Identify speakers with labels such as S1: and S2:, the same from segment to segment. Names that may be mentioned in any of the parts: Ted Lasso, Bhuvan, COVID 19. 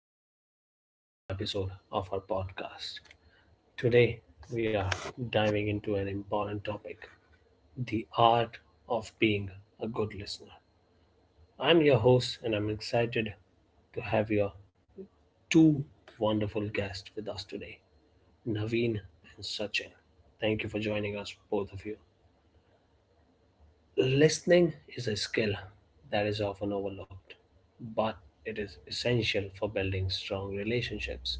S1: and welcome to another episode of our podcast. Today, we are diving into an important topic, the art of being a good listener. I'm your host, and I'm excited to have your two wonderful guests with us today, Naveen and Sachin. Thank you for joining us, both of you. Listening is a skill that is often overlooked, but it is essential for building strong relationships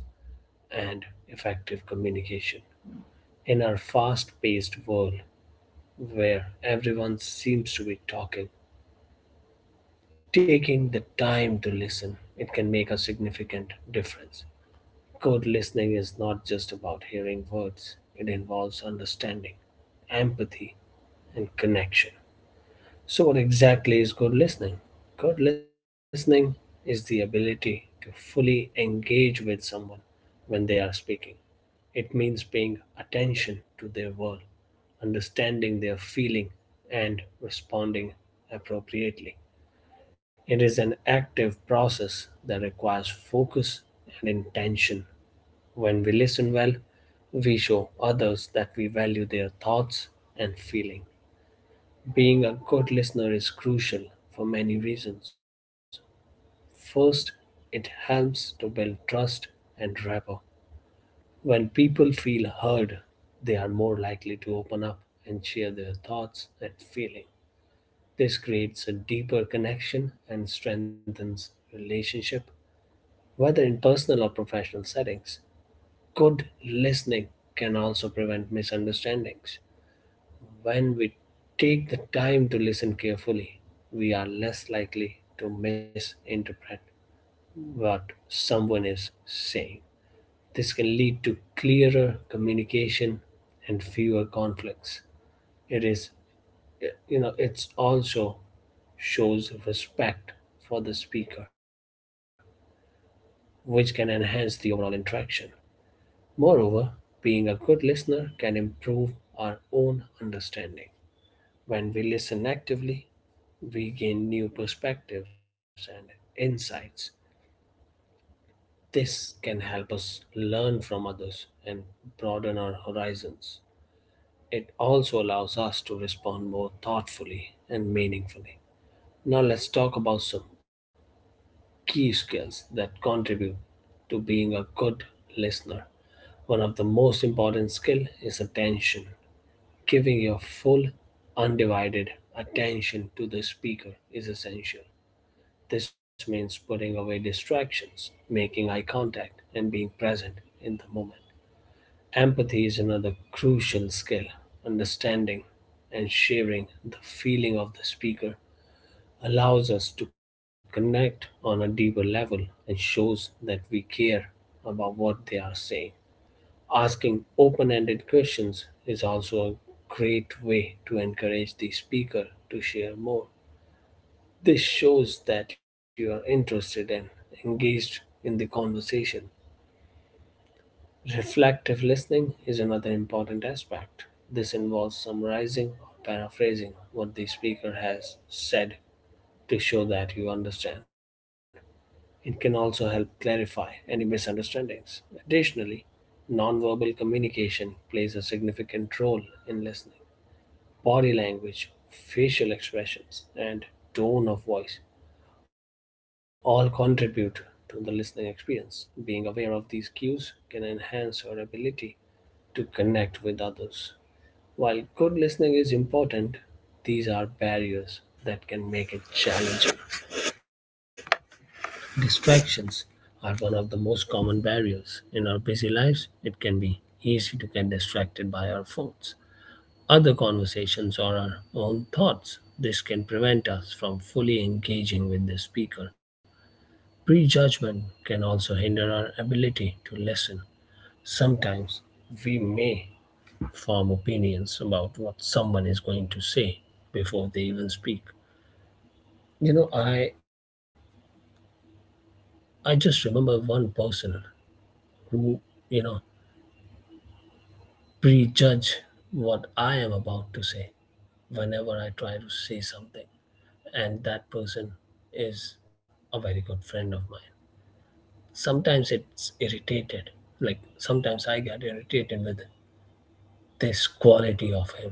S1: and effective communication. In our fast paced world, where everyone seems to be talking, taking the time to listen, it can make a significant difference. Good listening is not just about hearing words, it involves understanding, empathy, and connection. So, what exactly is good listening? Good listening is the ability to fully engage with someone when they are speaking. It means paying attention to their world, understanding their feeling, and responding appropriately. It is an active process that requires focus and intention. When we listen well, we show others that we value their thoughts and feelings. Being a good listener is crucial for many reasons. First, it helps to build trust and rapport. When people feel heard, they are more likely to open up and share their thoughts and feelings. This creates a deeper connection and strengthens relationship, whether in personal or professional settings. Good listening can also prevent misunderstandings. When we take the time to listen carefully, we are less likely to misinterpret what someone is saying. This can lead to clearer communication and fewer conflicts. It is, you know, it's also shows respect for the speaker, which can enhance the overall interaction. Moreover, being a good listener can improve our own understanding. When we listen actively, we gain new perspectives and insights. This can help us learn from others and broaden our horizons. It also allows us to respond more thoughtfully and meaningfully. Now, let's talk about some key skills that contribute to being a good listener. One of the most important skill is attention. Giving your full undivided attention to the speaker is essential. This means putting away distractions, making eye contact, and being present in the moment. Empathy is another crucial skill. Understanding and sharing the feeling of the speaker allows us to connect on a deeper level and shows that we care about what they are saying. Asking open ended questions is also a great way to encourage the speaker to share more. This shows that you are interested and engaged in the conversation. Reflective listening is another important aspect. This involves summarizing or paraphrasing what the speaker has said to show that you understand. It can also help clarify any misunderstandings. Additionally, nonverbal communication plays a significant role in listening. Body language, facial expressions, and tone of voice all contribute to the listening experience. Being aware of these cues can enhance our ability to connect with others. While good listening is important, these are barriers that can make it challenging. Distractions are one of the most common barriers. In our busy lives, it can be easy to get distracted by our phones, other conversations, or our own thoughts. This can prevent us from fully engaging with the speaker. Prejudgment can also hinder our ability to listen. Sometimes we may form opinions about what someone is going to say before they even speak. You know, I just remember one person who, you know, prejudge what I am about to say whenever I try to say something. And that person is a very good friend of mine. Sometimes it's irritated. Like sometimes I get irritated with this quality of him.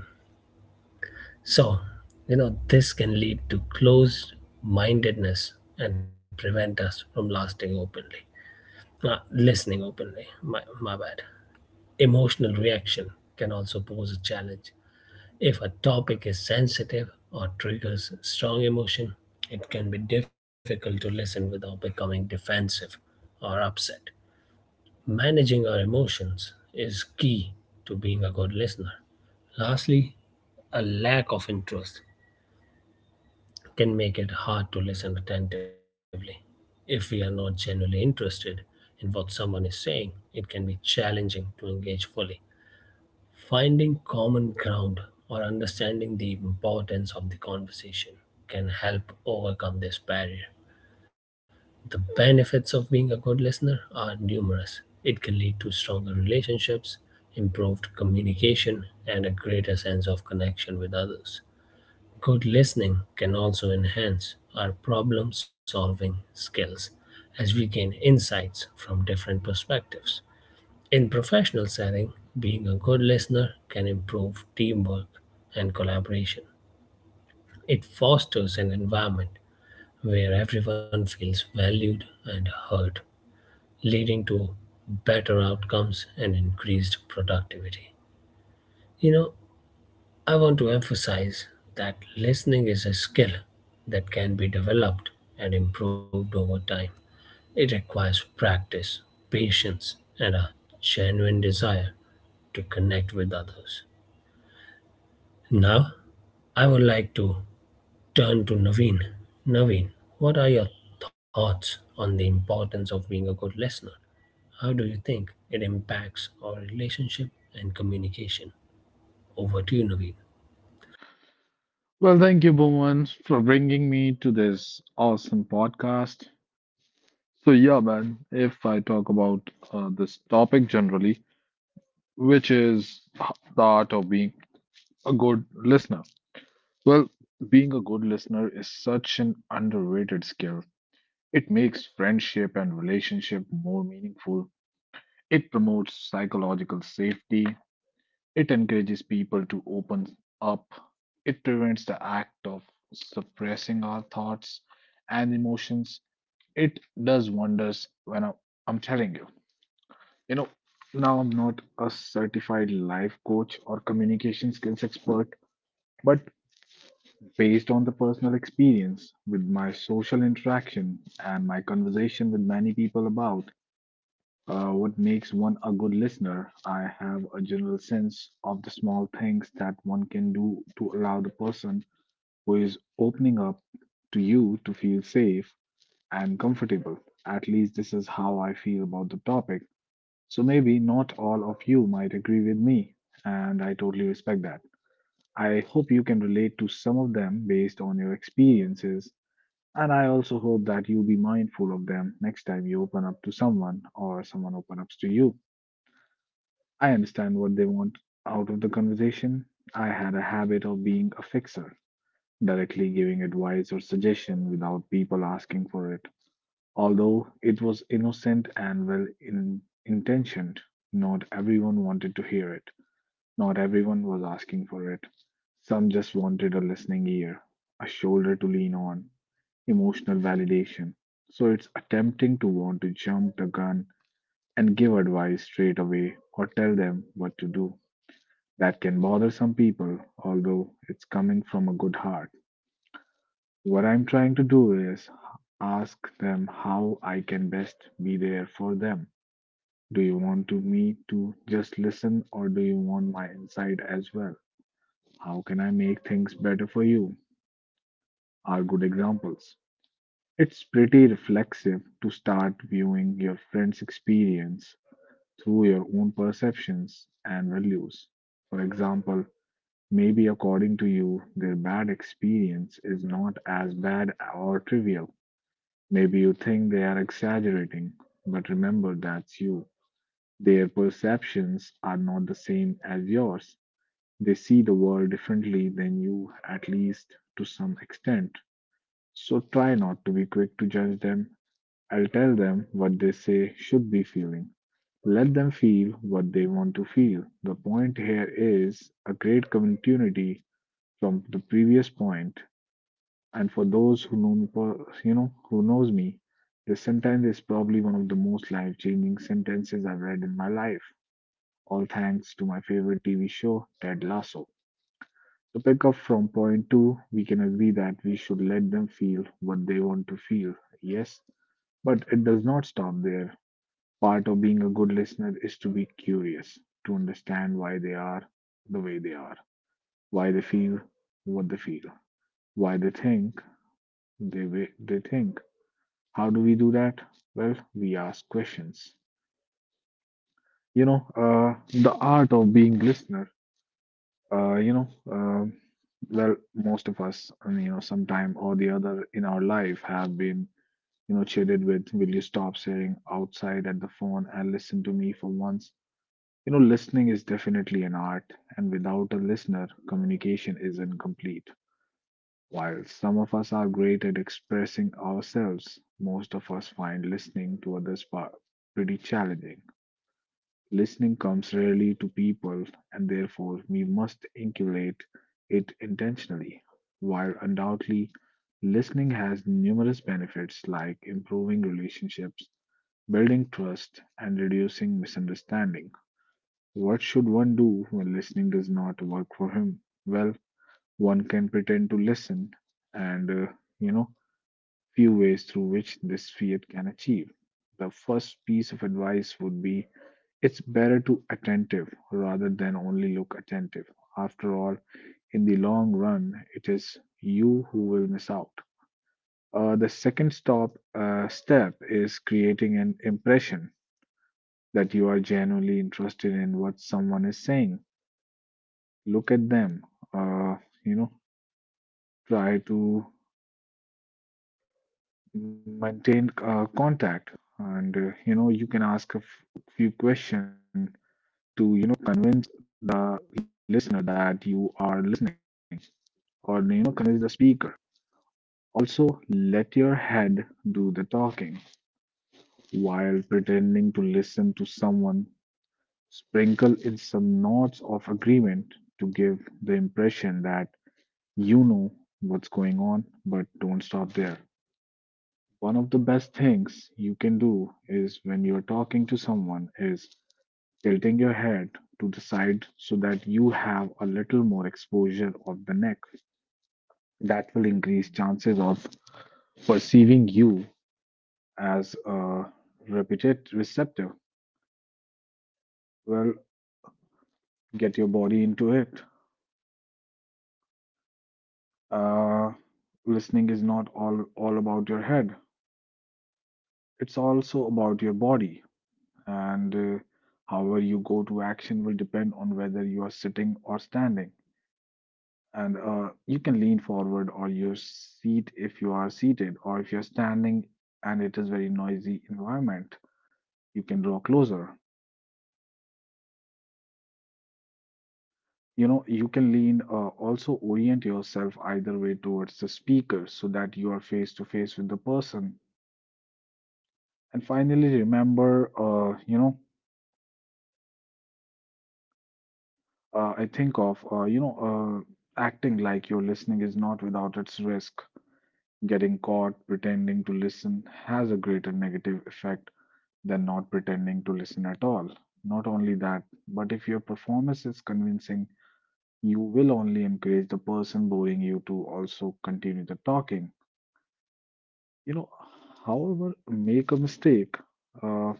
S1: So, you know, this can lead to closed mindedness and prevent us from lasting openly, listening openly. My bad. Emotional reaction can also pose a challenge. If a topic is sensitive or triggers strong emotion, it can be difficult to listen without becoming defensive or upset. Managing our emotions is key to being a good listener. Lastly, a lack of interest can make it hard to listen attentively. If we are not genuinely interested in what someone is saying, it can be challenging to engage fully. Finding common ground or understanding the importance of the conversation can help overcome this barrier. The benefits of being a good listener are numerous. It can lead to stronger relationships, improved communication, and a greater sense of connection with others. Good listening can also enhance our problem solving skills as we gain insights from different perspectives. In professional setting, being a good listener can improve teamwork and collaboration. It fosters an environment where everyone feels valued and heard, leading to better outcomes and increased productivity. You know, I want to emphasize that listening is a skill that can be developed and improved over time. It requires practice, patience, and a genuine desire to connect with others. Now, I would like to turn to Naveen. Naveen, what are your thoughts on the importance of being a good listener? How do you think it impacts our relationship and communication? Over to you, Naveen.
S2: Well, thank you, Bhuvan, for bringing me to this awesome podcast. So, yeah, man, if I talk about this topic generally, which is the art of being a good listener. Well, being a good listener is such an underrated skill. It makes friendship and relationship more meaningful. It promotes psychological safety. It encourages people to open up. It prevents the act of suppressing our thoughts and emotions. It does wonders when I'm telling you. You know, now I'm not a certified life coach or communication skills expert, but based on the personal experience with my social interaction and my conversation with many people about what makes one a good listener? I have a general sense of the small things that one can do to allow the person who is opening up to you to feel safe and comfortable. At least this is how I feel about the topic. So maybe not all of you might agree with me, and I totally respect that. I hope you can relate to some of them based on your experiences, and I also hope that you be mindful of them next time you open up to someone or someone open up to you. I understand what they want out of the conversation. I had a habit of being a fixer, directly giving advice or suggestion without people asking for it. Although it was innocent and intentioned, not everyone wanted to hear it. Not everyone was asking for it. Some just wanted a listening ear, a shoulder to lean on, emotional validation. So it's attempting to want to jump the gun and give advice straight away or tell them what to do. That can bother some people, although it's coming from a good heart. What I'm trying to do is ask them how I can best be there for them. Do you want to me to just listen or do you want my insight as well? How can I make things better for you? Are good examples. It's pretty reflexive to start viewing your friend's experience through your own perceptions and values. For example, maybe according to you, their bad experience is not as bad or trivial. Maybe you think they are exaggerating, but remember that's you. Their perceptions are not the same as yours. They see the world differently than you, at least to some extent. So try not to be quick to judge them. I'll tell them what they say should be feeling. Let them feel what they want to feel. The point here is a great community from the previous point, and for those who know me, who knows me, this sentence is probably one of the most life-changing sentences I've read in my life. All thanks to my favorite TV show, Ted Lasso. To pick up from point two, we can agree that we should let them feel what they want to feel. Yes, but it does not stop there. Part of being a good listener is to be curious, to understand why they are the way they are, why they feel what they feel, why they think they think. How do we do that? Well, we ask questions. You know, the art of being listener. Uh, you know, um well, most of us, I mean, you know, sometime or the other in our life have been, you know, cheated with, will you stop staring outside at the phone and listen to me for once? You know, listening is definitely an art, and without a listener, communication is incomplete. While some of us are great at expressing ourselves, most of us find listening to others pretty challenging. Listening comes rarely to people, and therefore we must inculcate it intentionally. While undoubtedly listening has numerous benefits like improving relationships, building trust, and reducing misunderstanding, what should one do when listening does not work for him? Well, one can pretend to listen, and you know, few ways through which this fiat can achieve. The first piece of advice would be it's better to attentive rather than only look attentive. After all, in the long run, it is you who will miss out. The second stop step is creating an impression that you are genuinely interested in what someone is saying. Look at them. Uh, you know, try to maintain contact, and you know, you can ask few questions to, you know, convince the listener that you are listening, or you know, convince the speaker. Also let your head do the talking while pretending to listen to someone. Sprinkle in some nods of agreement to give the impression that, you know, what's going on, but don't stop there. One of the best things you can do is when you're talking to someone is tilting your head to the side so that you have a little more exposure of the neck. That will increase chances of perceiving you as a repeated receptor. Well, get your body into it. Uh, listening is not all about your head. It's also about your body, and however you go to action will depend on whether you are sitting or standing, and you can lean forward or your seat if you are seated, or if you're standing and it is very noisy environment, you can draw closer. You know, you can lean, also orient yourself either way towards the speaker so that you are face to face with the person. And finally remember, I think of, acting like you're listening is not without its risk. Getting caught pretending to listen has a greater negative effect than not pretending to listen at all. Not only that, but if your performance is convincing, you will only encourage the person boring you to also continue the talking. You know, however, make a mistake. Uh,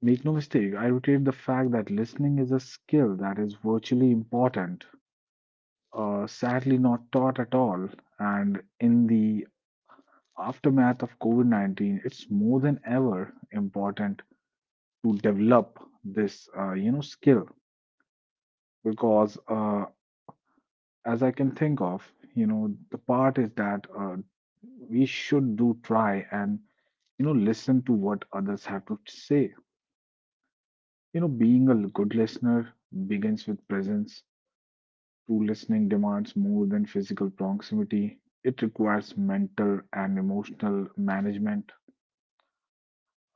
S2: make no mistake, I reiterate the fact that listening is a skill that is virtually important, sadly not taught at all, and in the aftermath of COVID 19, it's more than ever important to develop this, skill because, as I can think of, you know, the part is that we should do try and, you know, listen to what others have to say. You know, being a good listener begins with presence. True listening demands more than physical proximity, it requires mental and emotional management,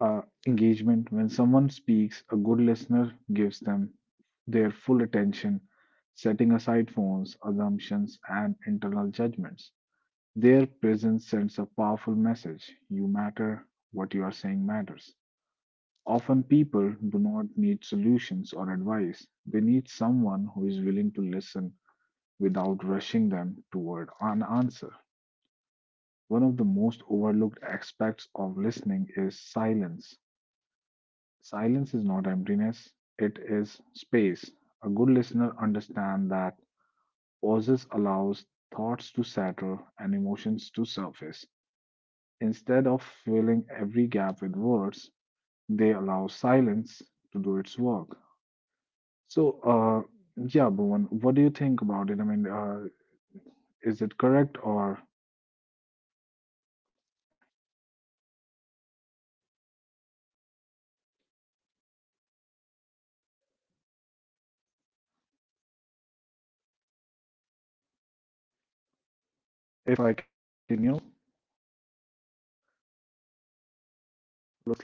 S2: engagement. When someone speaks, a good listener gives them their full attention, setting aside phones, assumptions and internal judgments. Their presence sends a powerful message: you matter, what you are saying matters. Often people do not need solutions or advice, they need someone who is willing to listen without rushing them toward an answer. One of the most overlooked aspects of listening is silence. Silence is not emptiness, it is space. A good listener understands that pauses allows thoughts to settle and emotions to surface. Instead of filling every gap with words, they allow silence to do its work. So, yeah, Bhuvan, what do you think about it? I mean, is it correct, or if I can, you know, looks like, you know, the thought that I gave you.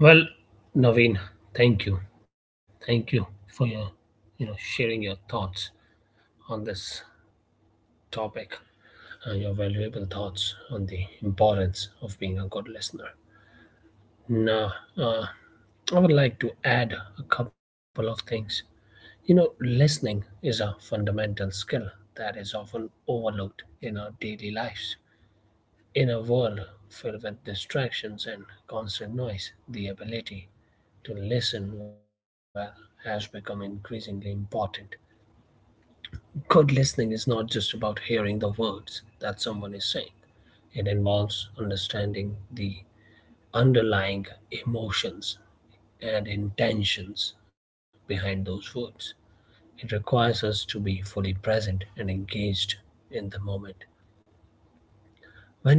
S1: Well, Naveen, thank you. Thank you for your, you know, sharing your thoughts on this topic and your valuable thoughts on the importance of being a good listener. Now, I would like to add a couple of things. You know, listening is a fundamental skill that is often overlooked in our daily lives. In a world filled with distractions and constant noise, the ability to listen well has become increasingly important. Good listening is not just about hearing the words that someone is saying, it involves understanding the underlying emotions and intentions behind those words. It requires us to be fully present and engaged in the moment.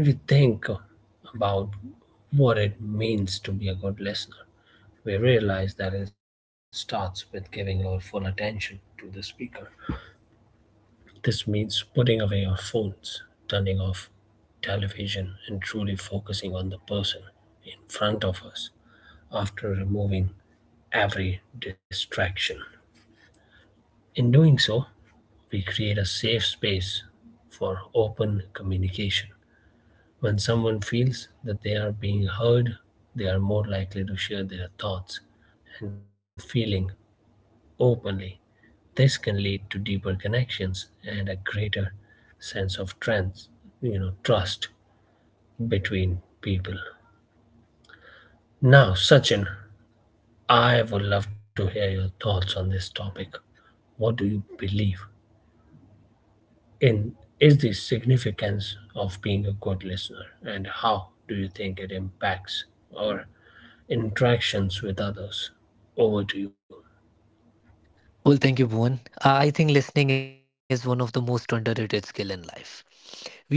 S1: When we think about what it means to be a good listener, we realize that it starts with giving our full attention to the speaker. This means putting away our phones, turning off television, and truly focusing on the person in front of us after removing every distraction. In doing so, we create a safe space for open communication. When someone feels that they are being heard, they are more likely to share their thoughts and feeling openly. This can lead to deeper connections and a greater sense of trust between people. Now, Sachin, I would love to hear your thoughts on this topic. What do you believe in? Is the significance of being a good listener, and how do you think it impacts or interactions with others. Over to you.
S3: Well, thank you, Bhuvan. I think listening is one of the most underrated skill in life.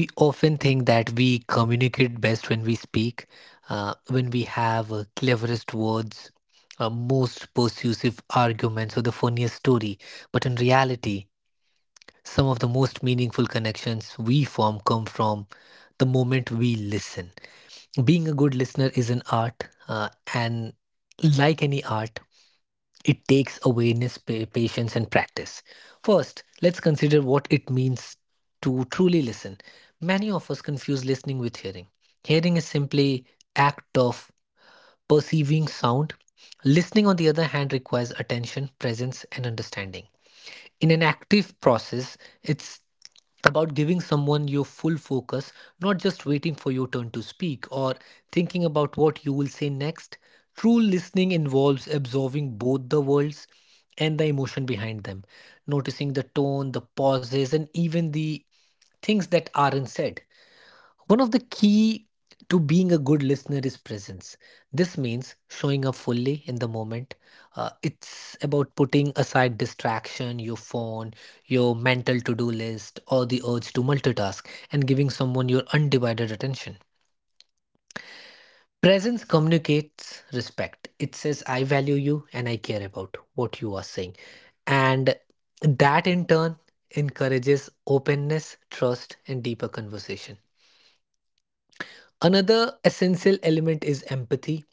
S3: We often think that we communicate best when we speak, when we have cleverest words, most persuasive arguments, or the funniest story. But in reality, some of the most meaningful connections we form come from the moment we listen. Being a good listener is an art, and like any art, it takes awareness, patience, and practice. First, let's consider what it means to truly listen. Many of us confuse listening with hearing. Hearing is simply act of perceiving sound. Listening, on the other hand, requires attention, presence, and understanding in an active process it's about giving someone your full focus, not just waiting for your turn to speak or thinking about what you will say next. True listening involves absorbing both the worlds and the emotion behind them, noticing the tone, the pauses, and even the things that aren't said. One of the key to being a good listener is presence. This means showing up fully in the moment. It's about putting aside distraction, your phone, your mental to do list, or the urge to multitask, and giving someone your undivided attention. Presence communicates respect. It says, I value you and I care about what you are saying. And that in turn encourages openness, trust, and deeper conversation. Another essential element is empathy.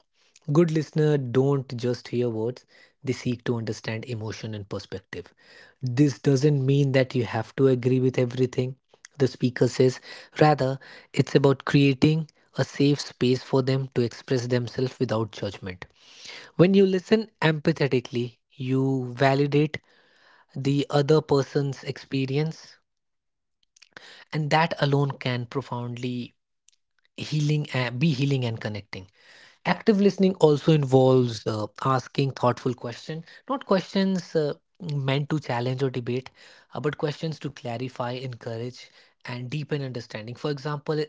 S3: Good listener don't just hear words, they seek to understand emotion and perspective. This doesn't mean that you have to agree with everything the speaker says. Rather, it's about creating a safe space for them to express themselves without judgment. When you listen empathetically, you validate the other person's experience, and that alone can profoundly healing be healing and connecting. Active listening also involves asking thoughtful questions, not questions meant to challenge or debate, but questions to clarify, encourage, and deepen understanding. For example,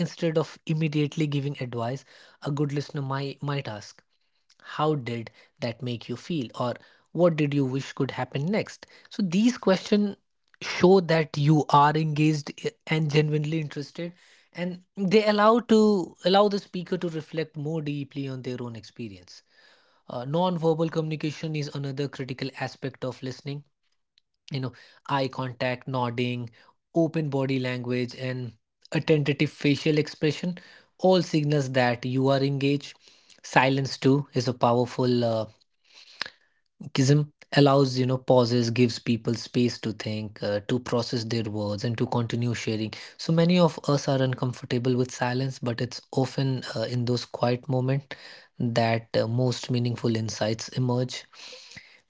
S3: instead of immediately giving advice, a good listener might ask, how did that make you feel, or what did you wish could happen next? So these questions show that you are and genuinely interested, and they allow the speaker to reflect more deeply on their own experience. Non-verbal communication is another critical aspect of listening, you know, eye contact, nodding, open body language, and a tentative facial expression, all signals that you are engaged. Silence too is a powerful Kism, allows, pauses, gives people space to think, to process their words, and to continue sharing. So many of us are uncomfortable with silence, but it's often in those quiet moments that most meaningful insights emerge.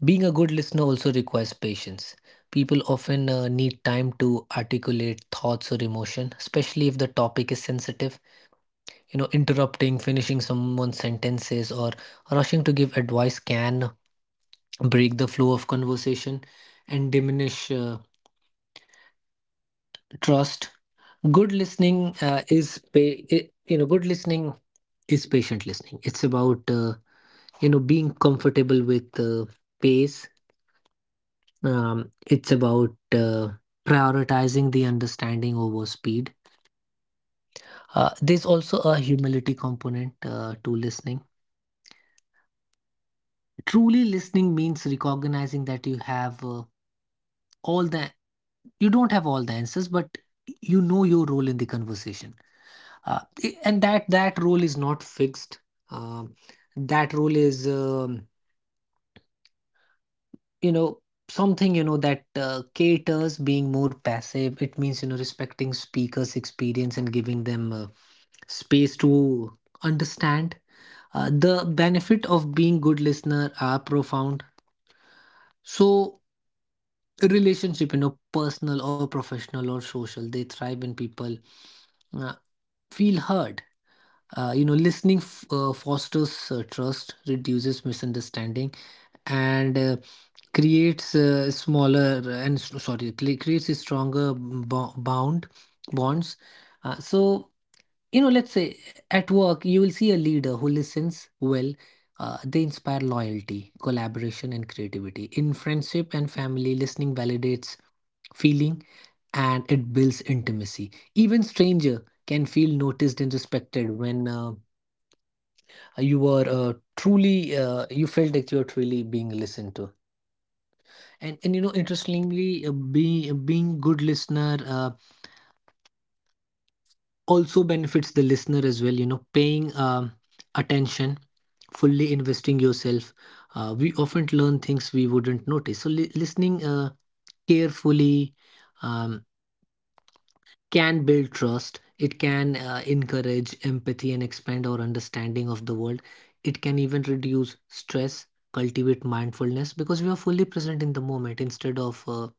S3: Being a good listener also requires patience. People often need time to articulate thoughts or emotion, especially if the topic is sensitive. You know, interrupting, finishing someone's sentences, or rushing to give advice can break the flow of conversation and diminish trust. Good listening is pa- I- good listening is patient listening. It's about being comfortable with pace. It's about prioritizing the understanding over speed. There's also a humility component to listening. Truly listening means recognizing that you have all the you don't have all the answers, but you know your role in the conversation. And that role is not fixed. um, that role is you know, something, you know, that caters being more passive. It means, you know, respecting speakers experience and giving them space to understand. The benefit of being good listener are profound. So relationship, you know, personal or professional or social, they thrive when people uh, feel heard. You know, listening fosters trust, reduces misunderstanding, and creates a smaller and s- sorry creates a stronger bo- bound bonds. So, you know, let's say at work you will see a leader who listens well. They inspire loyalty, collaboration, and creativity. In friendship and family, listening validates feeling, and it builds intimacy. Even stranger can feel noticed and respected when you felt that you were truly being listened to. And you know, interestingly, being good listener also benefits the listener as well. You know, paying attention, fully investing yourself, we often learn things we wouldn't notice. So listening carefully um, can build trust. It can encourage empathy and expand our understanding of the world. It can even reduce stress, cultivate mindfulness, because we are fully present in the moment instead of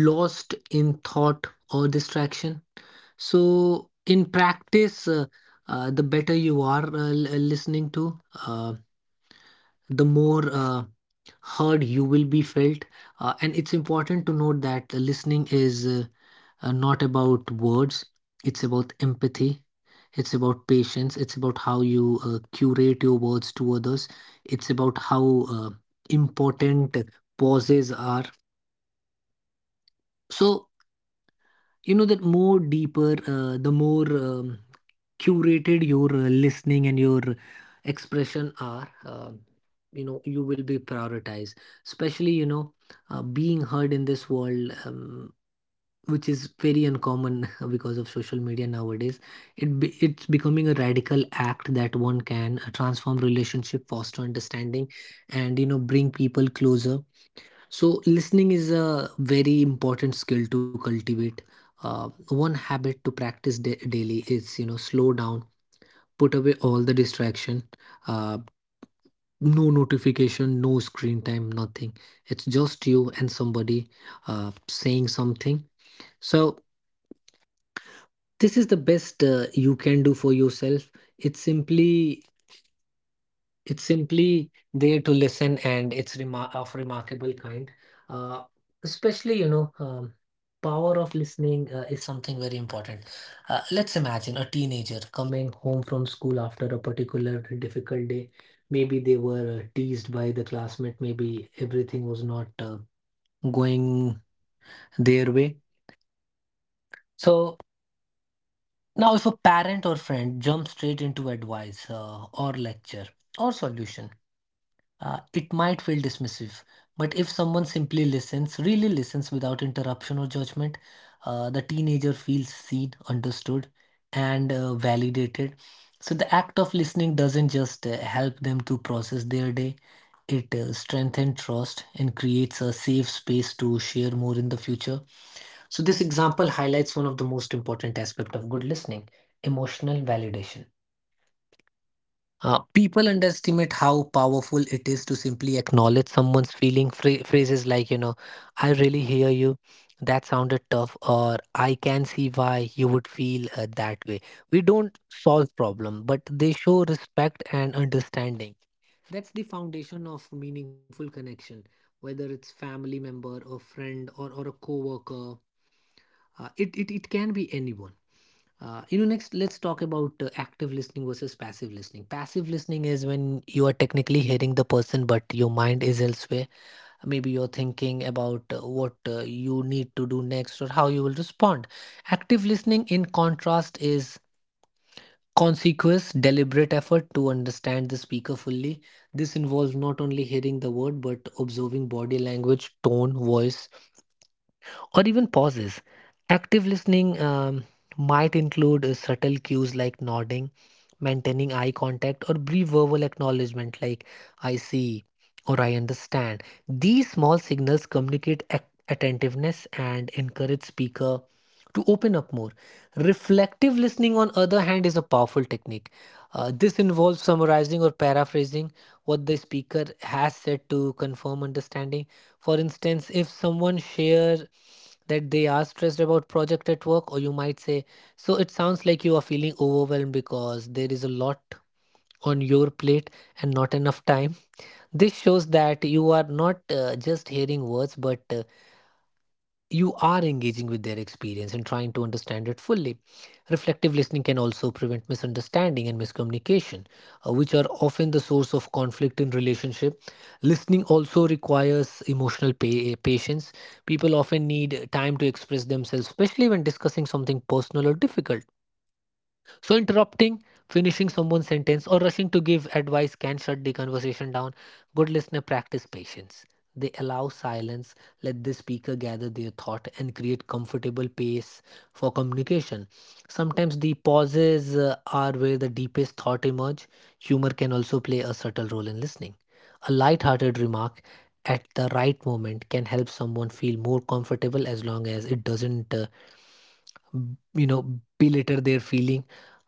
S3: lost in thought or distraction. So in practice, the better you are listening to, uh, the more heard you will be felt. And it's important to note that the listening is not about words, it's about empathy, it's about patience, it's about how you curate your words to others, it's about how important pauses are. So, you know, that more deeper, the more curated your listening and your expression are, you know, you will be prioritized, especially, you know, being heard in this world, which is very uncommon because of social media nowadays. It's becoming a radical act that one can transform relationship, foster understanding, and, you know, bring people closer. So, listening is a very important skill to cultivate. One habit to practice daily is, you know, slow down, put away all the distraction, uh, no notification, no screen time, nothing. It's just you and somebody saying something. So, this is the best you can do for yourself. It's simply It's simply there to listen, and it's remarkable kind. Uh, especially, you know, power of listening is something very important. Let's imagine a teenager coming home from school after a particular difficult day. Maybe they were teased by the classmate. Maybe everything was not going their way. So now, if a parent or friend jumps straight into advice or lecture or solution, it might feel dismissive. But if someone simply listens, really listens without interruption or judgment, the teenager feels seen, understood, and validated. So the act of listening doesn't just help them to process their day, it strengthens trust and creates a safe space to share more in the future. So this example highlights one of the most important aspects of good listening, emotional validation. People underestimate how powerful it is to simply acknowledge someone's feeling. Phrases like, you know, I really hear you. That sounded tough, or I can see why you would feel that way. We don't solve problem, but they show respect and understanding. That's the foundation of meaningful connection, whether it's family member, or friend, or a coworker. It can be anyone. You know, next, let's talk about active listening versus passive listening. Passive listening is when you are technically hearing the person, but your mind is elsewhere. Maybe you're thinking about what you need to do next or how you will respond. Active listening, in contrast, is conscious, deliberate effort to understand the speaker fully. This involves not only hearing the word, but observing body language, tone, voice, or even pauses. Active listening might include subtle cues like nodding, maintaining eye contact, or brief verbal acknowledgement like I see or I understand. These small signals communicate attentiveness and encourage speaker to open up more. Reflective listening, on other hand, is a powerful technique. This involves summarizing or paraphrasing what the speaker has said to confirm understanding. For instance, if someone shares that they are stressed about project at work, or you might say, so it sounds like you are feeling overwhelmed because there is a lot on your plate and not enough time. This shows that you are not just hearing words, but you are engaging with their experience and trying to understand it fully. Reflective listening can also prevent misunderstanding and miscommunication, which are often the source of conflict in relationship. Listening also requires emotional patience. People often need time to express themselves, especially when discussing something personal or difficult. So, interrupting, finishing someone's sentence, or rushing to give advice can shut the conversation down. Good listener practice patience. They allow silence, let the speaker gather their thought, and create comfortable pace for communication. Sometimes the pauses are where the deepest thought emerge. Humor can also play a subtle role in listening. A light-hearted remark at the right moment can help someone feel more comfortable as long as it doesn't you know belittle their feeling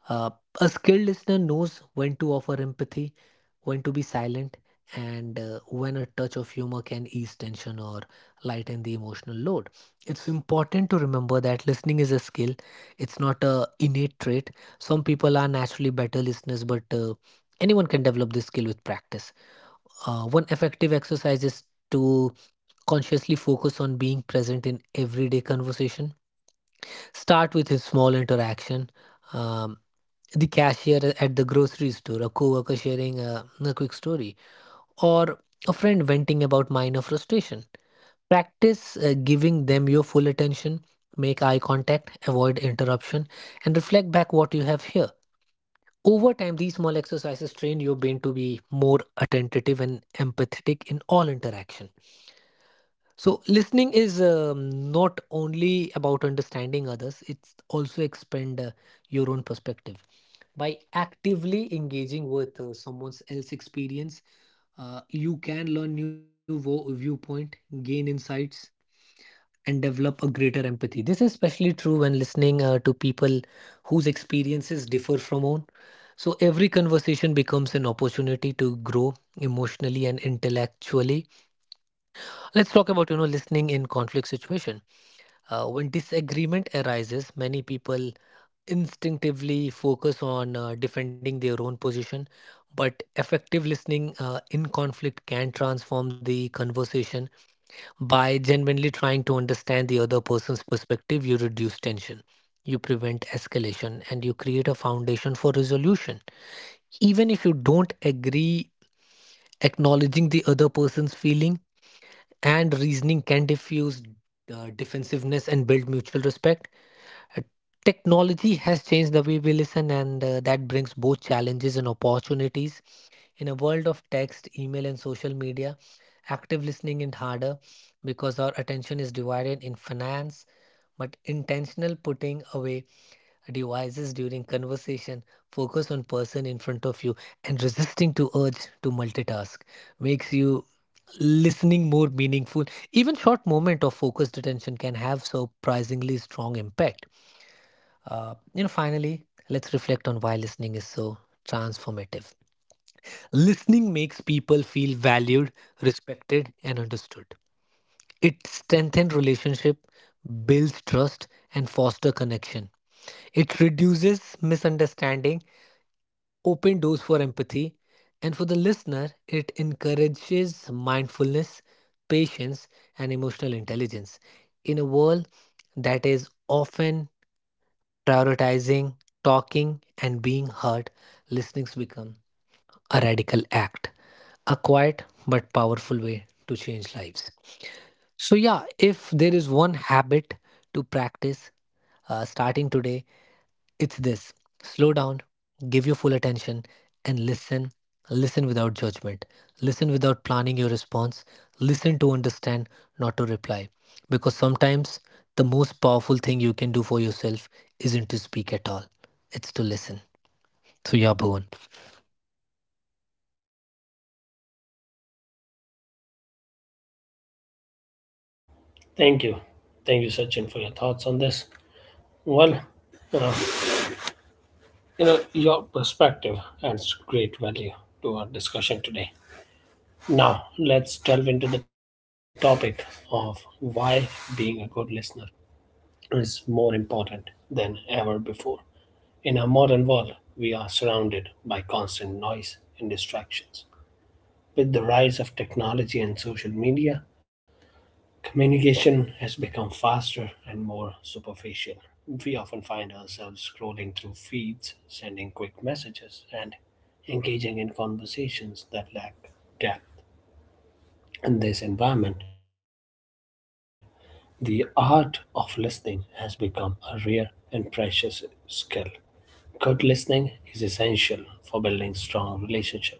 S3: uh, a skilled listener knows when to offer empathy, when to be silent, and when a touch of humor can ease tension or lighten the emotional load. It's important to remember that listening is a skill, it's not a innate trait. Some people are naturally better listeners, but anyone can develop this skill with practice. One effective exercise is to consciously focus on being present in everyday conversation. Start with a small interaction. Um, the cashier at the grocery store, a coworker sharing a quick story, or a friend venting about minor frustration. Practice giving them your full attention, make eye contact, avoid interruption, and reflect back what you have here. Over time, these small exercises train your brain to be more attentive and empathetic in all interaction. So, listening is not only about understanding others, it's also expand your own perspective. By actively engaging with someone else's experience, you can learn new viewpoint, gain insights, and develop a greater empathy. This is especially true when listening to people whose experiences differ from own. So, every conversation becomes an opportunity to grow emotionally and intellectually. Let's talk about listening in conflict situation. When disagreement arises, many people instinctively focus on defending their own position, but effective listening in conflict can transform the conversation. By genuinely trying to understand the other person's perspective, you reduce tension, you prevent escalation, and you create a foundation for resolution. Even if you don't agree, acknowledging the other person's feeling and reasoning can diffuse defensiveness and build mutual respect uh, Technology has changed the way we listen, and that brings both challenges and opportunities. In a world of text, email, and social media, active listening is harder because our attention is divided in finance, but intentional putting away devices during conversation, focus on person in front of you, and resisting to urge to multitask makes you listening more meaningful. Even short moment of focused attention can have surprisingly strong impact. You know, finally, let's reflect on why listening is so transformative. Listening makes people feel valued, respected, and understood. It strengthens relationship, builds trust, and foster connection. It reduces misunderstanding, open doors for empathy, and for the listener, it encourages mindfulness, patience, and emotional intelligence in a world that is often prioritizing talking and being heard. Listenings become a radical act, a quiet but powerful way to change lives. So, yeah, if there is one habit to practice starting today, it's this: slow down, give your full attention, and listen. Listen without judgment. Listen without planning your response. Listen to understand, not to reply. Because sometimes the most powerful thing you can do for yourself isn't to speak at all, it's to listen. So, yeah, Bhuvan.
S1: Thank you. Thank you, Sachin, for your thoughts on this. Well, uh, you know, your perspective adds great value to our discussion today. Now, let's delve into the topic of why being a good listener is more important than ever before. In our modern world, we are surrounded by constant noise and distractions. With the rise of technology and social media, communication has become faster and more superficial. We often find ourselves scrolling through feeds, sending quick messages, and engaging in conversations that lack depth. In this environment, the art of listening has become a rare and precious skill. Good listening is essential for building strong relationships.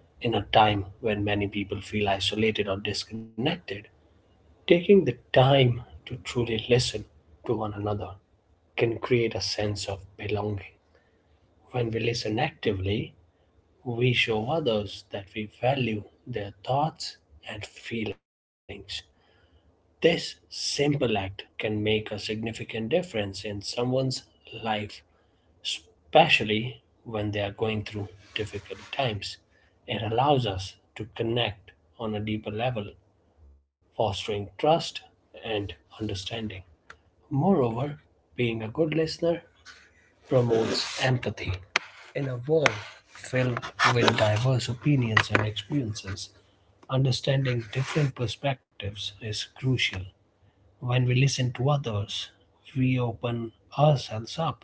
S1: In a time when many people feel isolated or disconnected, taking the time to truly listen to one another can create a sense of belonging. When we listen actively, we show others that we value their thoughts and feelings. This simple act can make a significant difference in someone's life, especially when they are going through difficult times. It allows us to connect on a deeper level, fostering trust and understanding. Moreover, being a good listener promotes empathy. In a world filled with diverse opinions and experiences, understanding different perspectives is crucial. When we listen to others, we open ourselves up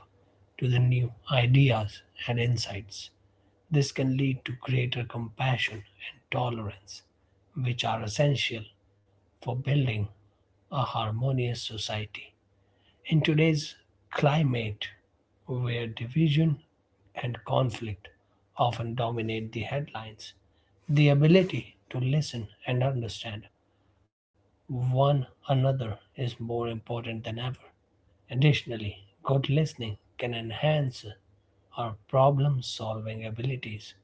S1: to the new ideas and insights. This can lead to greater compassion and tolerance, which are essential for building a harmonious society. In today's climate, where division and conflict often dominate the headlines, the ability to listen and understand one another is more important than ever. Additionally, good listening can enhance our problem solving abilities.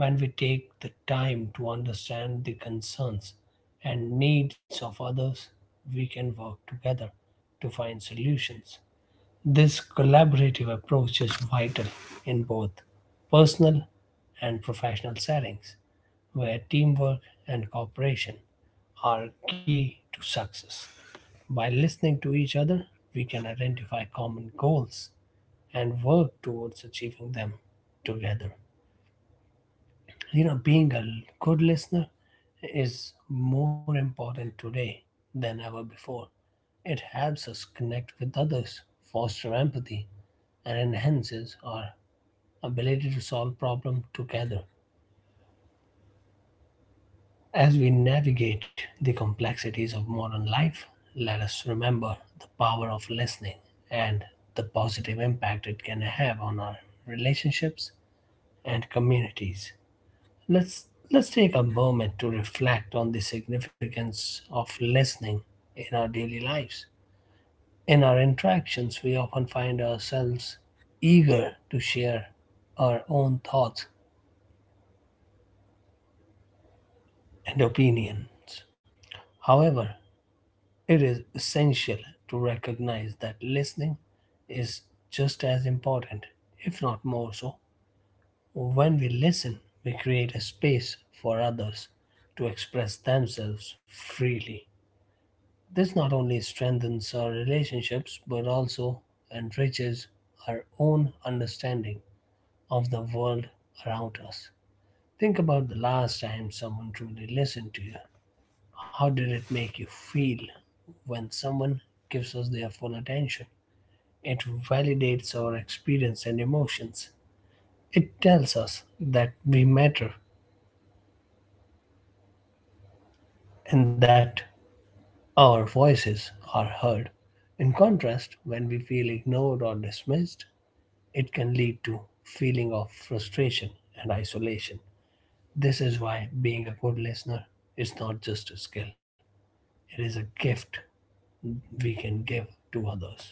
S1: When we take the time to understand the concerns and needs of others, we can work together to find solutions. This collaborative approach is vital in both personal and professional settings, where teamwork and cooperation are key to success. By listening to each other, we can identify common goals and work towards achieving them together. You know, being a good listener is more important today than ever before. It helps us connect with others, foster empathy, and enhances our ability to solve problems together. As we navigate the complexities of modern life, let us remember the power of listening and the positive impact it can have on our relationships and communities. Let's let's take a moment to reflect on the significance of listening in our daily lives. In our interactions, we often find ourselves eager to share our own thoughts and opinions. However, it is essential to recognize that listening is just as important, if not more so. When we listen, we create a space for others to express themselves freely. This not only strengthens our relationships but also enriches our own understanding of the world around us. Think about the last time someone truly listened to you. How did it make you feel when someone gives us their full attention? It validates our experience and emotions. It tells us that we matter and that our voices are heard. In contrast, when we feel ignored or dismissed, it can lead to feeling of frustration and isolation. This is why being a good listener is not just a skill, it is a gift we can give to others.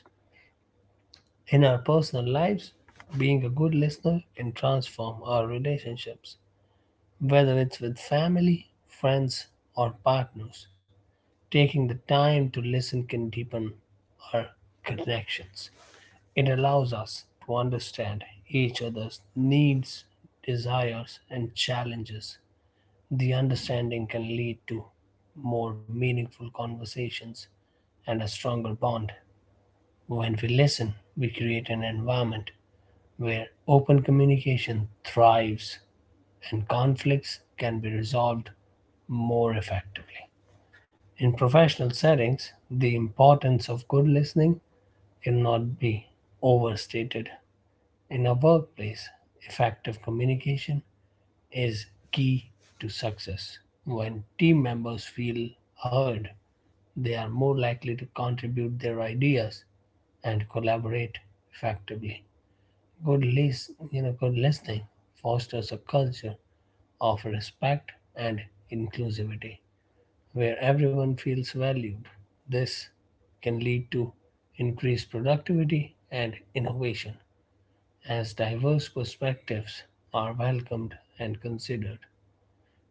S1: In our personal lives, being a good listener can transform our relationships, whether it's with family, friends, or partners. Taking the time to listen can deepen our connections. It allows us to understand each other's needs, desires, and challenges. The understanding can lead to more meaningful conversations and a stronger bond. When we listen, we create an environment where open communication thrives and conflicts can be resolved more effectively. In professional settings, the importance of good listening cannot be overstated. In a workplace, effective communication is key to success. When team members feel heard, they are more likely to contribute their ideas and collaborate effectively. Good listening fosters a culture of respect and inclusivity where everyone feels valued. This can lead to increased productivity and innovation as diverse perspectives are welcomed and considered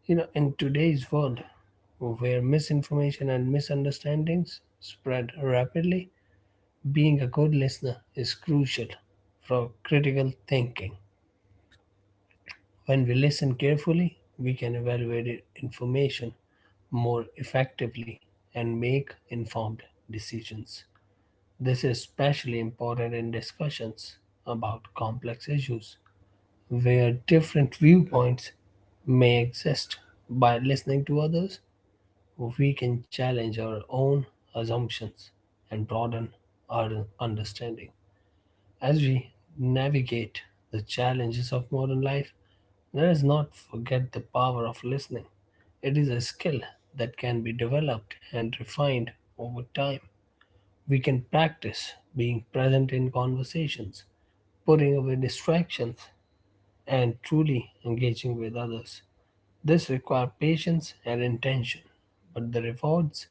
S1: you know In today's world where misinformation and misunderstandings spread rapidly, being a good listener is crucial for critical thinking. When we listen carefully, we can evaluate information more effectively and make informed decisions. This is especially important in discussions about complex issues where different viewpoints may exist. By listening to others, we can challenge our own assumptions and broaden our understanding. As we navigate the challenges of modern life, let us not forget the power of listening. It is a skill that can be developed and refined over time. We can practice being present in conversations, putting away distractions, and truly engaging with others. This requires patience and intention, but the rewards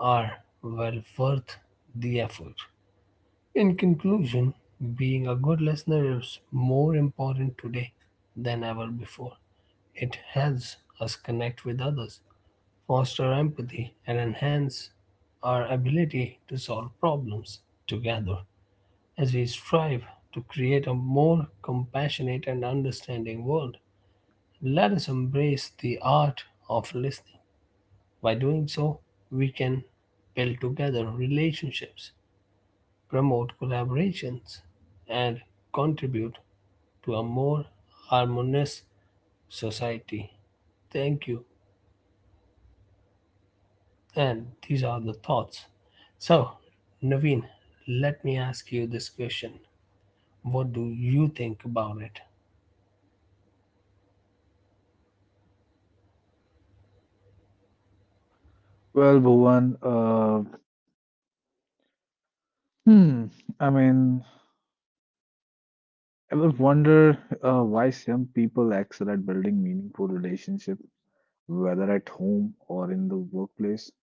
S1: are well worth the effort. In conclusion, being a good listener is more important today than ever before. It helps us connect with others, foster empathy, and enhance our ability to solve problems together as we strive to create a more compassionate and understanding world. Let us embrace the art of listening. By doing so, we can build together relationships, promote collaborations, and contribute to a more harmonious society. Thank you. And these are the thoughts. So, Naveen, let me ask you this question. What do you think about it?
S2: Well, Bhuvan, hmm, I mean, ever wonder why some people excel at building meaningful relationships, whether at home or in the workplace?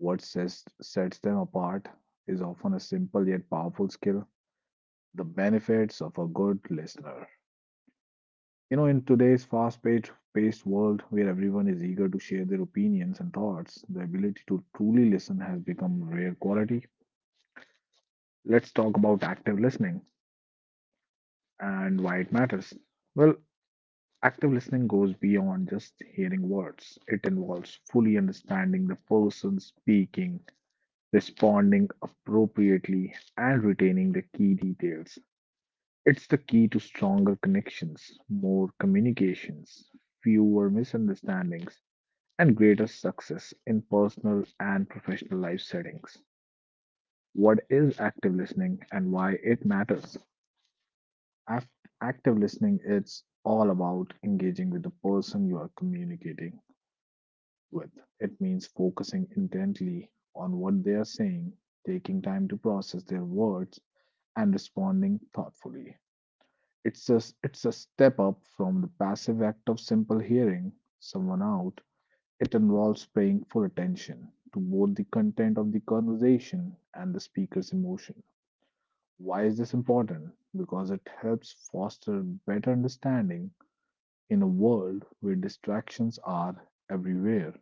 S2: What sets them apart is often a simple yet powerful skill, the benefits of a good listener. You know, in today's fast paced world where everyone is eager to share their opinions and thoughts, the ability to truly listen has become a rare quality. Let's talk about active listening and why it matters. Well, active listening goes beyond just hearing words, it involves fully understanding the person speaking, responding appropriately, and retaining the key details. It's the key to stronger connections, more communications, fewer misunderstandings, and greater success in personal and professional life settings. What is active listening and why it matters? Act- Active listening is all about engaging with the person you are communicating with. It means focusing intently on what they are saying, taking time to process their words, and responding thoughtfully. It's a step up from the passive act of simple hearing someone out. It involves paying full attention to both the content of the conversation and the speaker's emotion. Why is this important? Because it helps foster better understanding in a world where distractions are everywhere.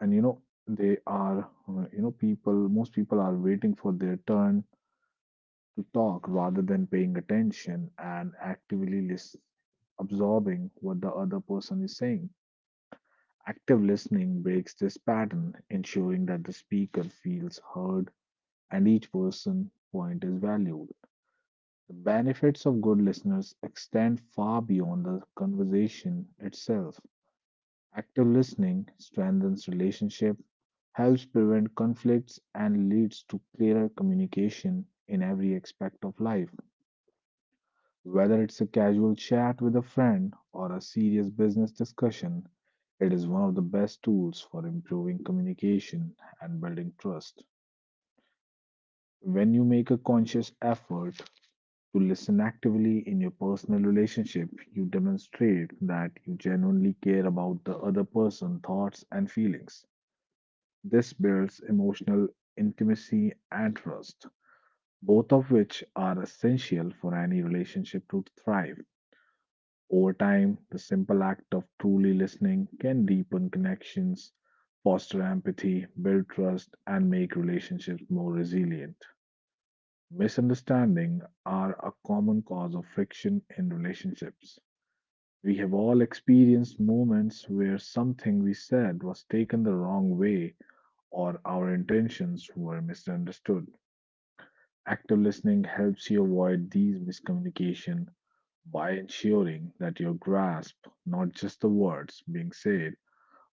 S2: And you know they are you know people most people are waiting for their turn to talk rather than paying attention and absorbing what the other person is saying. Active listening breaks this pattern, ensuring that the speaker feels heard and each person's point is valued. The benefits of good listeners extend far beyond the conversation itself. Active listening strengthens relationship, helps prevent conflicts, and leads to clearer communication in every aspect of life. Whether it's a casual chat with a friend or a serious business discussion, it is one of the best tools for improving communication and building trust. When you make a conscious effort to listen actively in your personal relationship, you demonstrate that you genuinely care about the other person's thoughts and feelings. This builds emotional intimacy and trust, both of which are essential for any relationship to thrive. Over time, the simple act of truly listening can deepen connections, foster empathy, build trust, and make relationships more resilient. Misunderstandings are a common cause of friction in relationships. We have all experienced moments where something we said was taken the wrong way or our intentions were misunderstood. Active listening helps you avoid these miscommunication by ensuring that you grasp not just the words being said,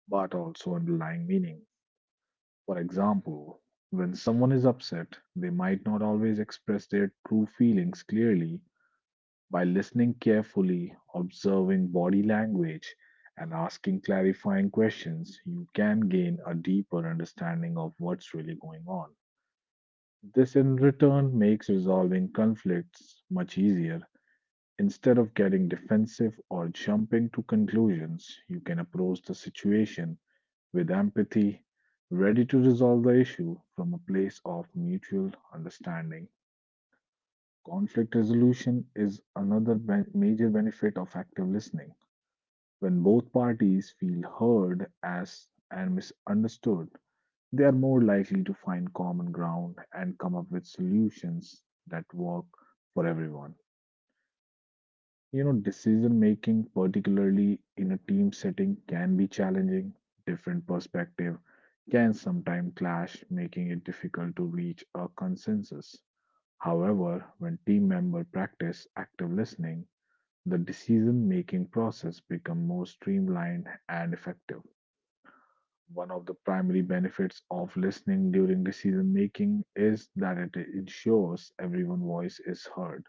S2: but also underlying meaning. For example, when someone is upset, they might not always express their true feelings clearly. By listening carefully, observing body language, and asking clarifying questions, you can gain a deeper understanding of what's really going on. This in return makes resolving conflicts much easier. Instead of getting defensive or jumping to conclusions, you can approach the situation with empathy, ready to resolve the issue from a place of mutual understanding. Conflict resolution is another major benefit of active listening. When both parties feel heard as and misunderstood, they are more likely to find common ground and come up with solutions that work for everyone. You know, decision making, particularly in a team setting, can be challenging. Different perspective can sometimes clash, making it difficult to reach a consensus. However, when team members practice active listening, the decision making process becomes more streamlined and effective. One of the primary benefits of listening during decision making is that it ensures everyone's voice is heard.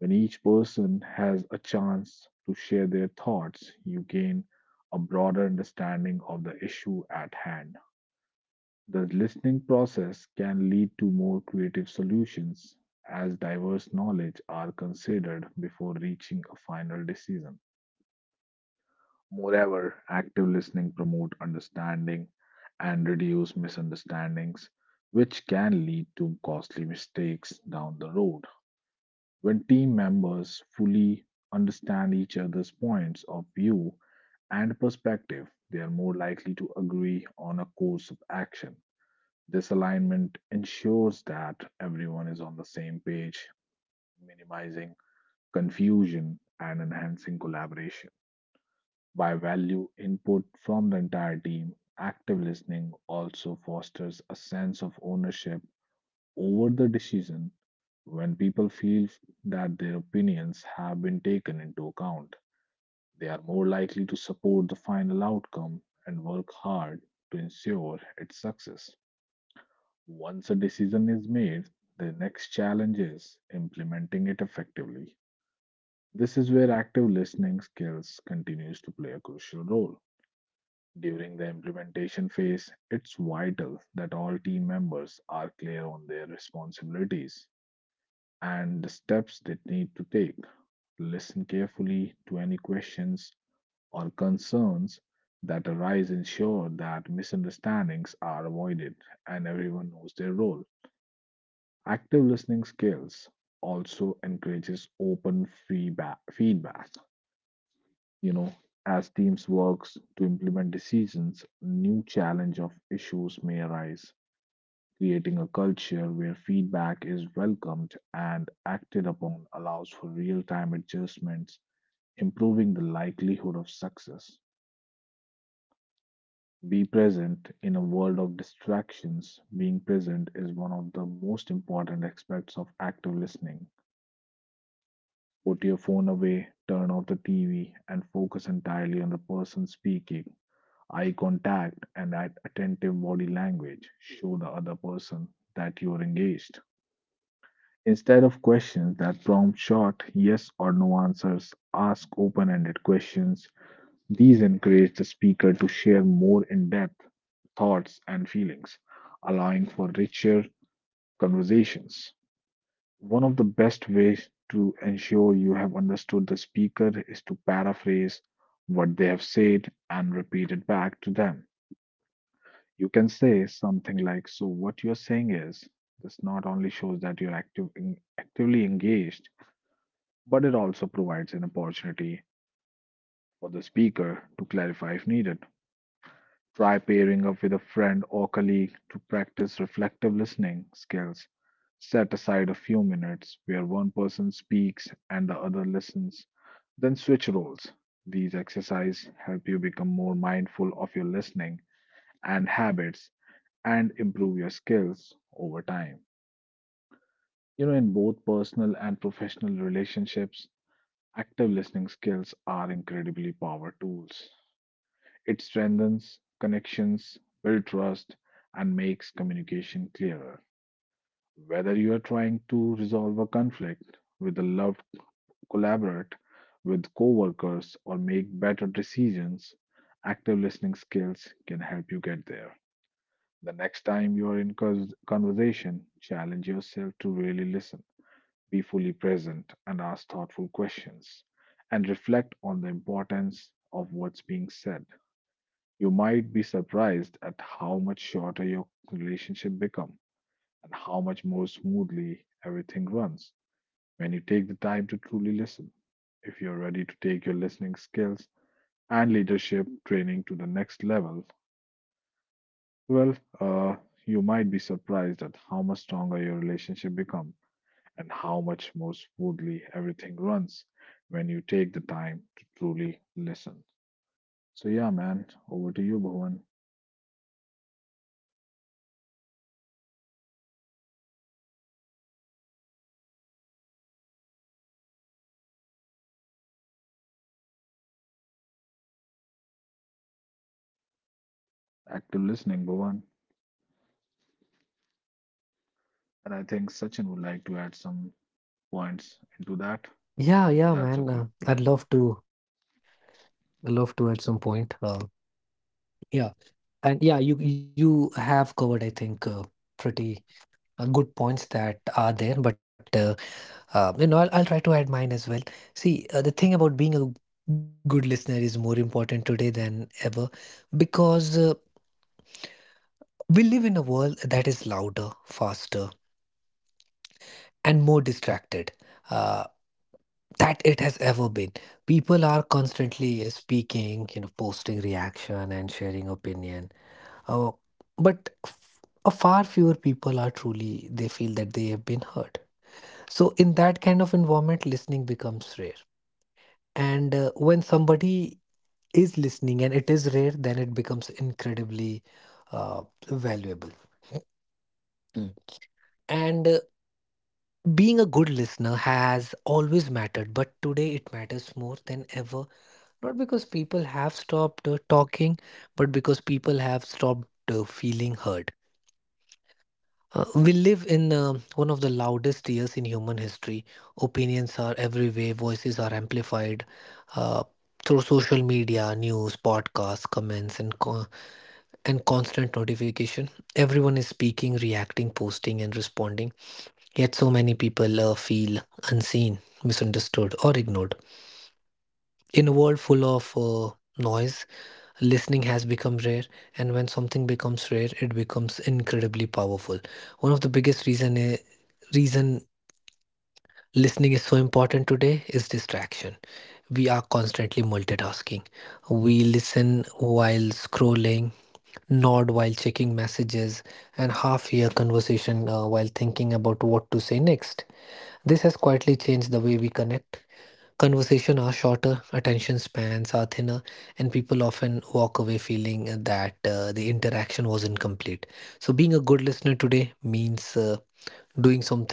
S2: When each person has a chance to share their thoughts, you gain a broader understanding of the issue at hand. The listening process can lead to more creative solutions as diverse knowledge are considered before reaching a final decision. Moreover, active listening promote understanding and reduce misunderstandings, which can lead to costly mistakes down the road. When team members fully understand each other's points of view and perspective, they are more likely to agree on a course of action. This alignment ensures that everyone is on the same page, minimizing confusion and enhancing collaboration. By value input from the entire team, active listening also fosters a sense of ownership over the decision when people feel that their opinions have been taken into account. They are more likely to support the final outcome and work hard to ensure its success. Once a decision is made, the next challenge is implementing it effectively. This is where active listening skills continues to play a crucial role. During the implementation phase, it's vital that all team members are clear on their responsibilities and the steps they need to take. Listen carefully to any questions or concerns that arise, ensure that misunderstandings are avoided and everyone knows their role. Active listening skills also encourages open feedback you know as teams works to implement decisions, new challenge of issues may arise. Creating a culture where feedback is welcomed and acted upon allows for real-time adjustments, improving the likelihood of success. Be present in a world of distractions. Being present is one of the most important aspects of active listening. Put your phone away, turn off the tv, and focus entirely on the person speaking. Eye contact and attentive body language show the other person that you're engaged. Instead of questions that prompt short yes or no answers, ask open ended questions. These encourage the speaker to share more in depth thoughts and feelings, allowing for richer conversations. One of the best ways to ensure you have understood the speaker is to paraphrase what they have said and repeat it back to them. You can say something like, so, what you're saying is, this not only shows that actively engaged, but it also provides an opportunity for the speaker to clarify if needed. Try pairing up with a friend or colleague to practice reflective listening skills. Set aside a few minutes where one person speaks and the other listens, then switch roles. These exercises help you become more mindful of your listening and habits and improve your skills over time. You know, in both personal and professional relationships, active listening skills are incredibly powerful tools. It strengthens connections, builds trust, and makes communication clearer. Whether you are trying to resolve a conflict with a loved, collaborate with coworkers, or make better decisions, active listening skills can help you get there. The next time you are in conversation, challenge yourself to really listen, be fully present, and ask thoughtful questions, and reflect on the importance of what's being said. You might be surprised at how much shorter your relationship become and how much more smoothly everything runs when you take the time to truly listen. If you're ready to take your listening skills and leadership training to the next level, Well, uh, you might be surprised at how much stronger your relationship become and how much more smoothly everything runs when you take the time to truly listen. So yeah, man, over to you, Bhuvan. Active listening, Bhuvan. And I think Sachin would like to add some points into that.
S3: Yeah, yeah, man.
S2: That's okay.
S3: I'd love to. I'd love to at some point. Yeah. And yeah, you have covered, I think, pretty good points that are there. But you know, I'll try to add mine as well. See, the thing about being a good listener is more important today than ever because we live in a world that is louder, faster, and more distracted. Uh, that it has ever been. People are constantly speaking, you know, posting reaction and sharing opinion. Uh, but a far fewer people are truly, they feel that they have been heard. So, in that kind of environment, listening becomes rare. And when somebody is listening and it is rare, then it becomes incredibly valuable. Mm. And being a good listener has always mattered, but today it matters more than ever. Not because people have stopped talking, but because people have stopped feeling heard. We live in one of the loudest years in human history. Opinions are everywhere, voices are amplified uh, through social media, news, podcasts, comments, and constant notification. Everyone is speaking, reacting, posting, and responding. Yet, so many people feel unseen, misunderstood, or ignored. In a world full of noise, listening has become rare, and when something becomes rare, it becomes incredibly powerful. One of the biggest reason listening is so important today is distraction. We are constantly multitasking. We listen while scrolling, nod while checking messages, and half hear conversation while thinking about what to say next. This has quietly changed the way we connect. Conversation are shorter, attention spans are thinner, and people often walk away feeling that the interaction was incomplete. So, being a good listener today means doing something radical,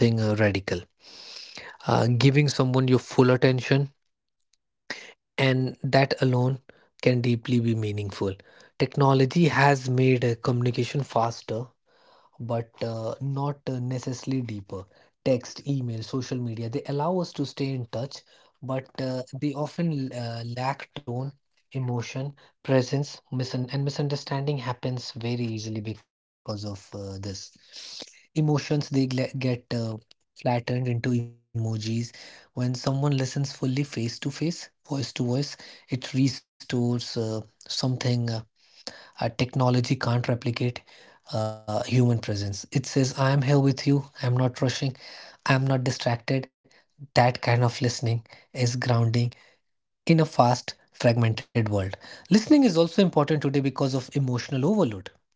S3: giving someone your full attention, and that alone can deeply be meaningful. Technology has made communication faster, but not necessarily deeper. Text, email, social media, they allow us to stay in touch, but they often lack tone, emotion, presence. Misunderstanding happens very easily because of this. Emotions, they get flattened into emojis. When someone listens fully face to face, voice to voice, it restores something. Technology can't replicate human presence. It says, I am here with you, I'm not rushing, I'm not distracted. That kind of listening is grounding in a fast, fragmented world. Listening is also important today because of emotional overload.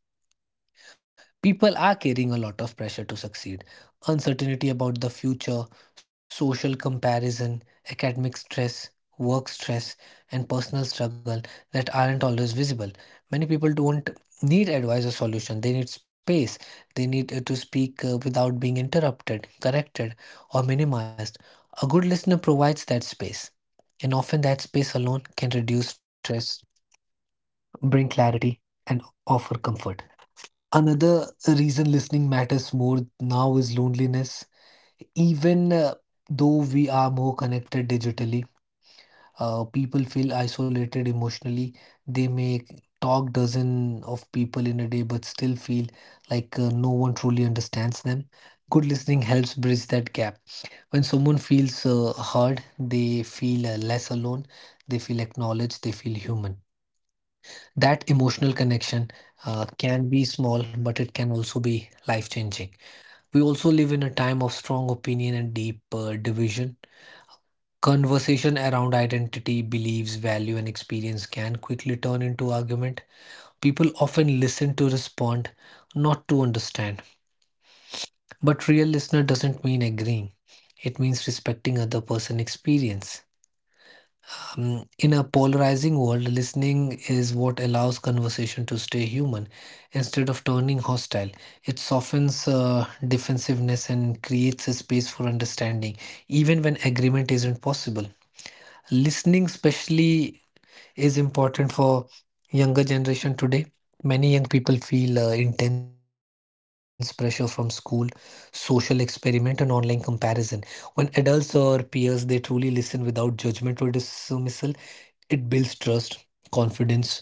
S3: People are carrying a lot of pressure to succeed, uncertainty about the future, social comparison, academic stress, work stress, and personal struggle that aren't always visible. Many people don't need advice or solution, they need space. They need to speak without being interrupted, corrected, or minimized. A good listener provides that space, and often that space alone can reduce stress, bring clarity, and offer comfort. Another reason listening matters more now is loneliness. Even though we are more connected digitally, people feel isolated emotionally. They may talk dozen of people in a day, but still feel like no one truly understands them. Good listening helps bridge that gap. When someone feels heard, they feel less alone. They feel acknowledged. They feel human. That emotional connection can be small, but it can also be life changing. We also live in a time of strong opinion and deep division. Conversation around identity, beliefs, value, and experience can quickly turn into argument. People often listen to respond, not to understand. But real listener doesn't mean agreeing, it means respecting other person's experience. In a polarizing world, listening is what allows conversation to stay human instead of turning hostile. It softens defensiveness and creates a space for understanding, even when agreement isn't possible. Listening, especially, is important for younger generation today. Many young people feel intense pressure from school, social experiment, and online comparison. When adults or peers, they truly listen without judgment or dismissal, it builds trust, confidence. It tells them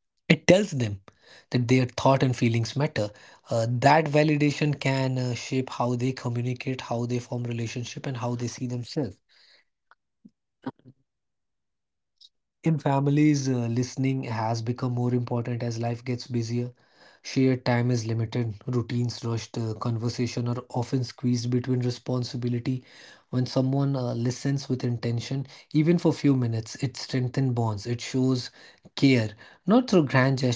S3: that their thought and feelings matter. That validation can shape how they communicate, how they form relationship, and how they see themselves. In families, listening has become more important as life gets busier. Shared time is limited, routines rushed, conversation are often squeezed between responsibility. When someone listens with intention, even for few minutes, it strengthens bonds. It shows care, not through grand gesture, but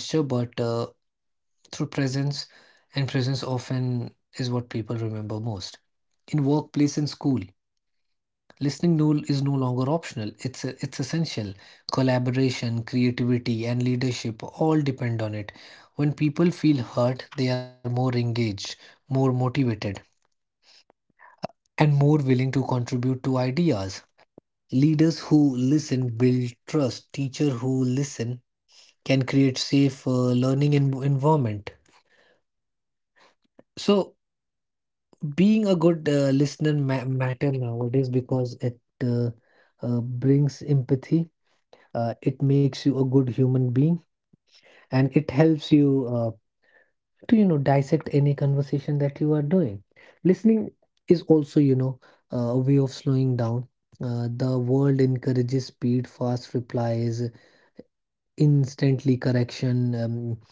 S3: through presence, and presence often is what people remember most. In workplace and school, listening is no longer optional, it's essential. Collaboration, creativity, and leadership all depend on it. When people feel heard, they are more engaged, more motivated, and more willing to contribute to ideas. Leaders who listen build trust. Teachers who listen can create safe learning environment. So, being a good listener matter nowadays because it uh, brings empathy, it makes you a good human being, and it helps you to you know dissect any conversation that you are doing. Listening is also, you know, a way of slowing down. The world encourages speed, fast replies, instantly correction. With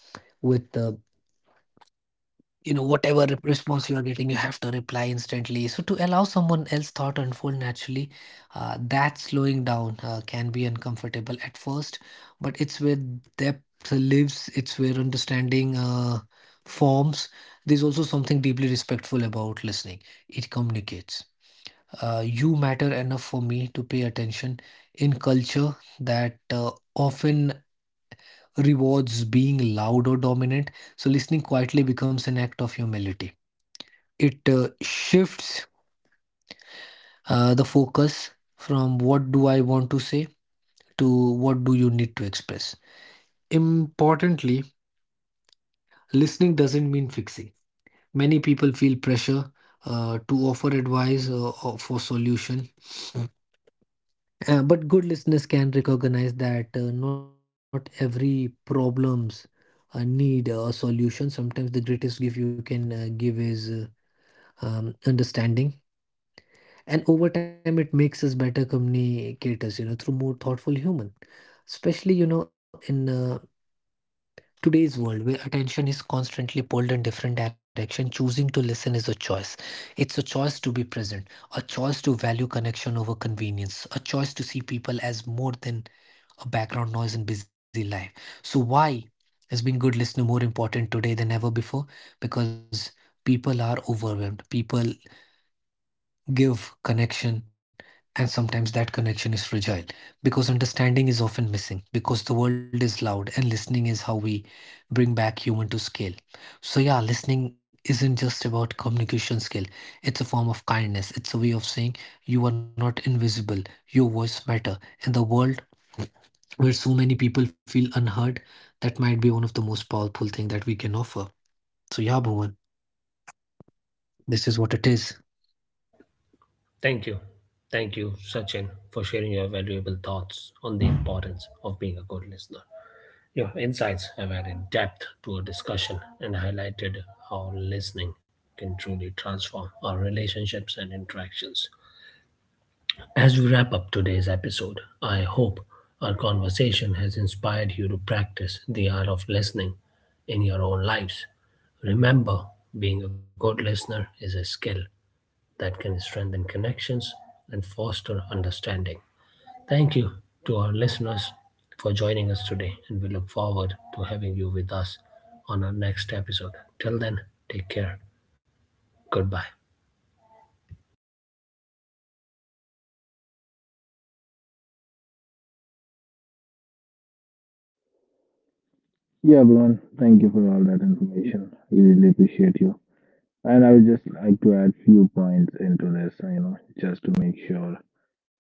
S3: you know whatever response you are getting, you have to reply instantly so to allow someone else thought unfold naturally. That slowing down can be uncomfortable at first, but it's where depth lives, it's where understanding forms. There's also something deeply respectful about listening. It communicates you matter enough for me to pay attention. In culture that often rewards being loud or dominant, so listening quietly becomes an act of humility. It shifts the focus from what do I want to say to what do you need to express. Importantly, listening doesn't mean fixing. Many people feel pressure to offer advice or for solution, but good listeners can recognize that not every problems need a solution. Sometimes the greatest gift you can give is understanding. And over time, it makes us better communicators, you know, through more thoughtful human. Especially, you know, in today's world where attention is constantly pulled in different direction, choosing to listen is a choice. It's a choice to be present, a choice to value connection over convenience, a choice to see people as more than a background noise in busy life. So why has been good listener more important today than ever before? Because people are overwhelmed. People give connection, and sometimes that connection is fragile because understanding is often missing, because the world is loud and listening is how we bring back human to scale. So, yeah, listening isn't just about communication skill, it's a form of kindness. It's a way of saying you are not invisible, your voice matter. In the world where so many people feel unheard, that might be one of the most powerful thing that we can offer. So, yeah, Bhuvan, this is what it is.
S1: Thank you. Thank you, Sachin, for sharing your valuable thoughts on the importance of being a good listener. Your insights have added depth to our discussion and highlighted how listening can truly transform our relationships and interactions. As we wrap up today's episode, I hope our conversation has inspired you to practice the art of listening in your own lives. Remember, being a good listener is a skill that can strengthen connections and foster understanding. Thank you to our listeners for joining us today, and we look forward to having you with us on our next episode. Till then, take care. Goodbye.
S2: Yeah, Bhuvan, thank you for all that information. We really appreciate you. And I would just like to add few points into this, you know, just to make sure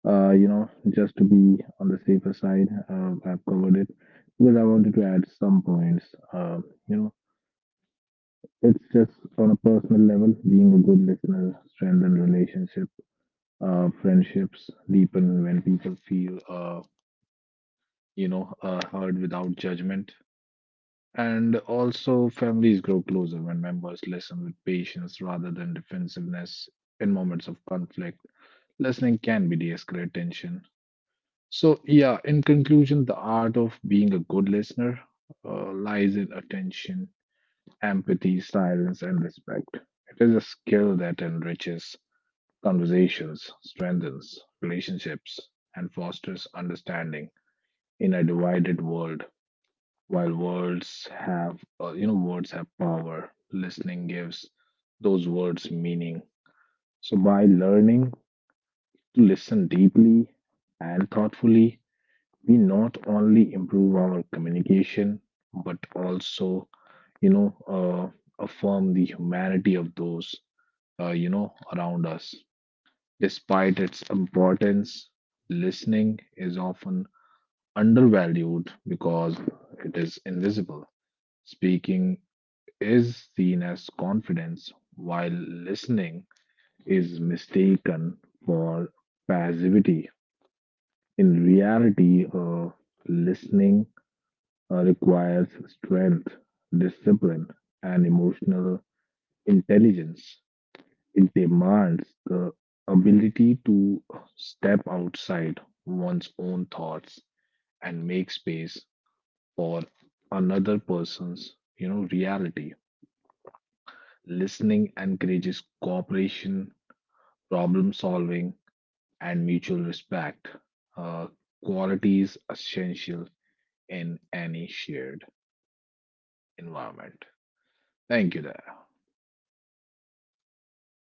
S2: you know, just to be on the safer side. I've covered it because I wanted to add some points. You know, it's just on a personal level, being a good listener strengthens relationship. Friendships deepen when people feel, you know, heard without judgment. And also, families grow closer when members listen with patience rather than defensiveness in moments of conflict. Listening can be de escalate tension. So, yeah, in conclusion, the art of being a good listener lies in attention, empathy, silence, and respect. It is a skill that enriches conversations, strengthens relationships, and fosters understanding in a divided world. While words have power, listening gives those words meaning. So, by learning to listen deeply and thoughtfully, we not only improve our communication but also, you know, affirm the humanity of those, you know, around us. Despite its importance, listening is often undervalued because it is invisible. Speaking is seen as confidence while listening is mistaken for passivity. In reality, listening requires strength, discipline, and emotional intelligence. It demands the ability to step outside one's own thoughts and make space for another person's reality. Listening encourages cooperation, problem solving, and mutual respect. Uh, qualities essential in any shared environment. Thank you, there.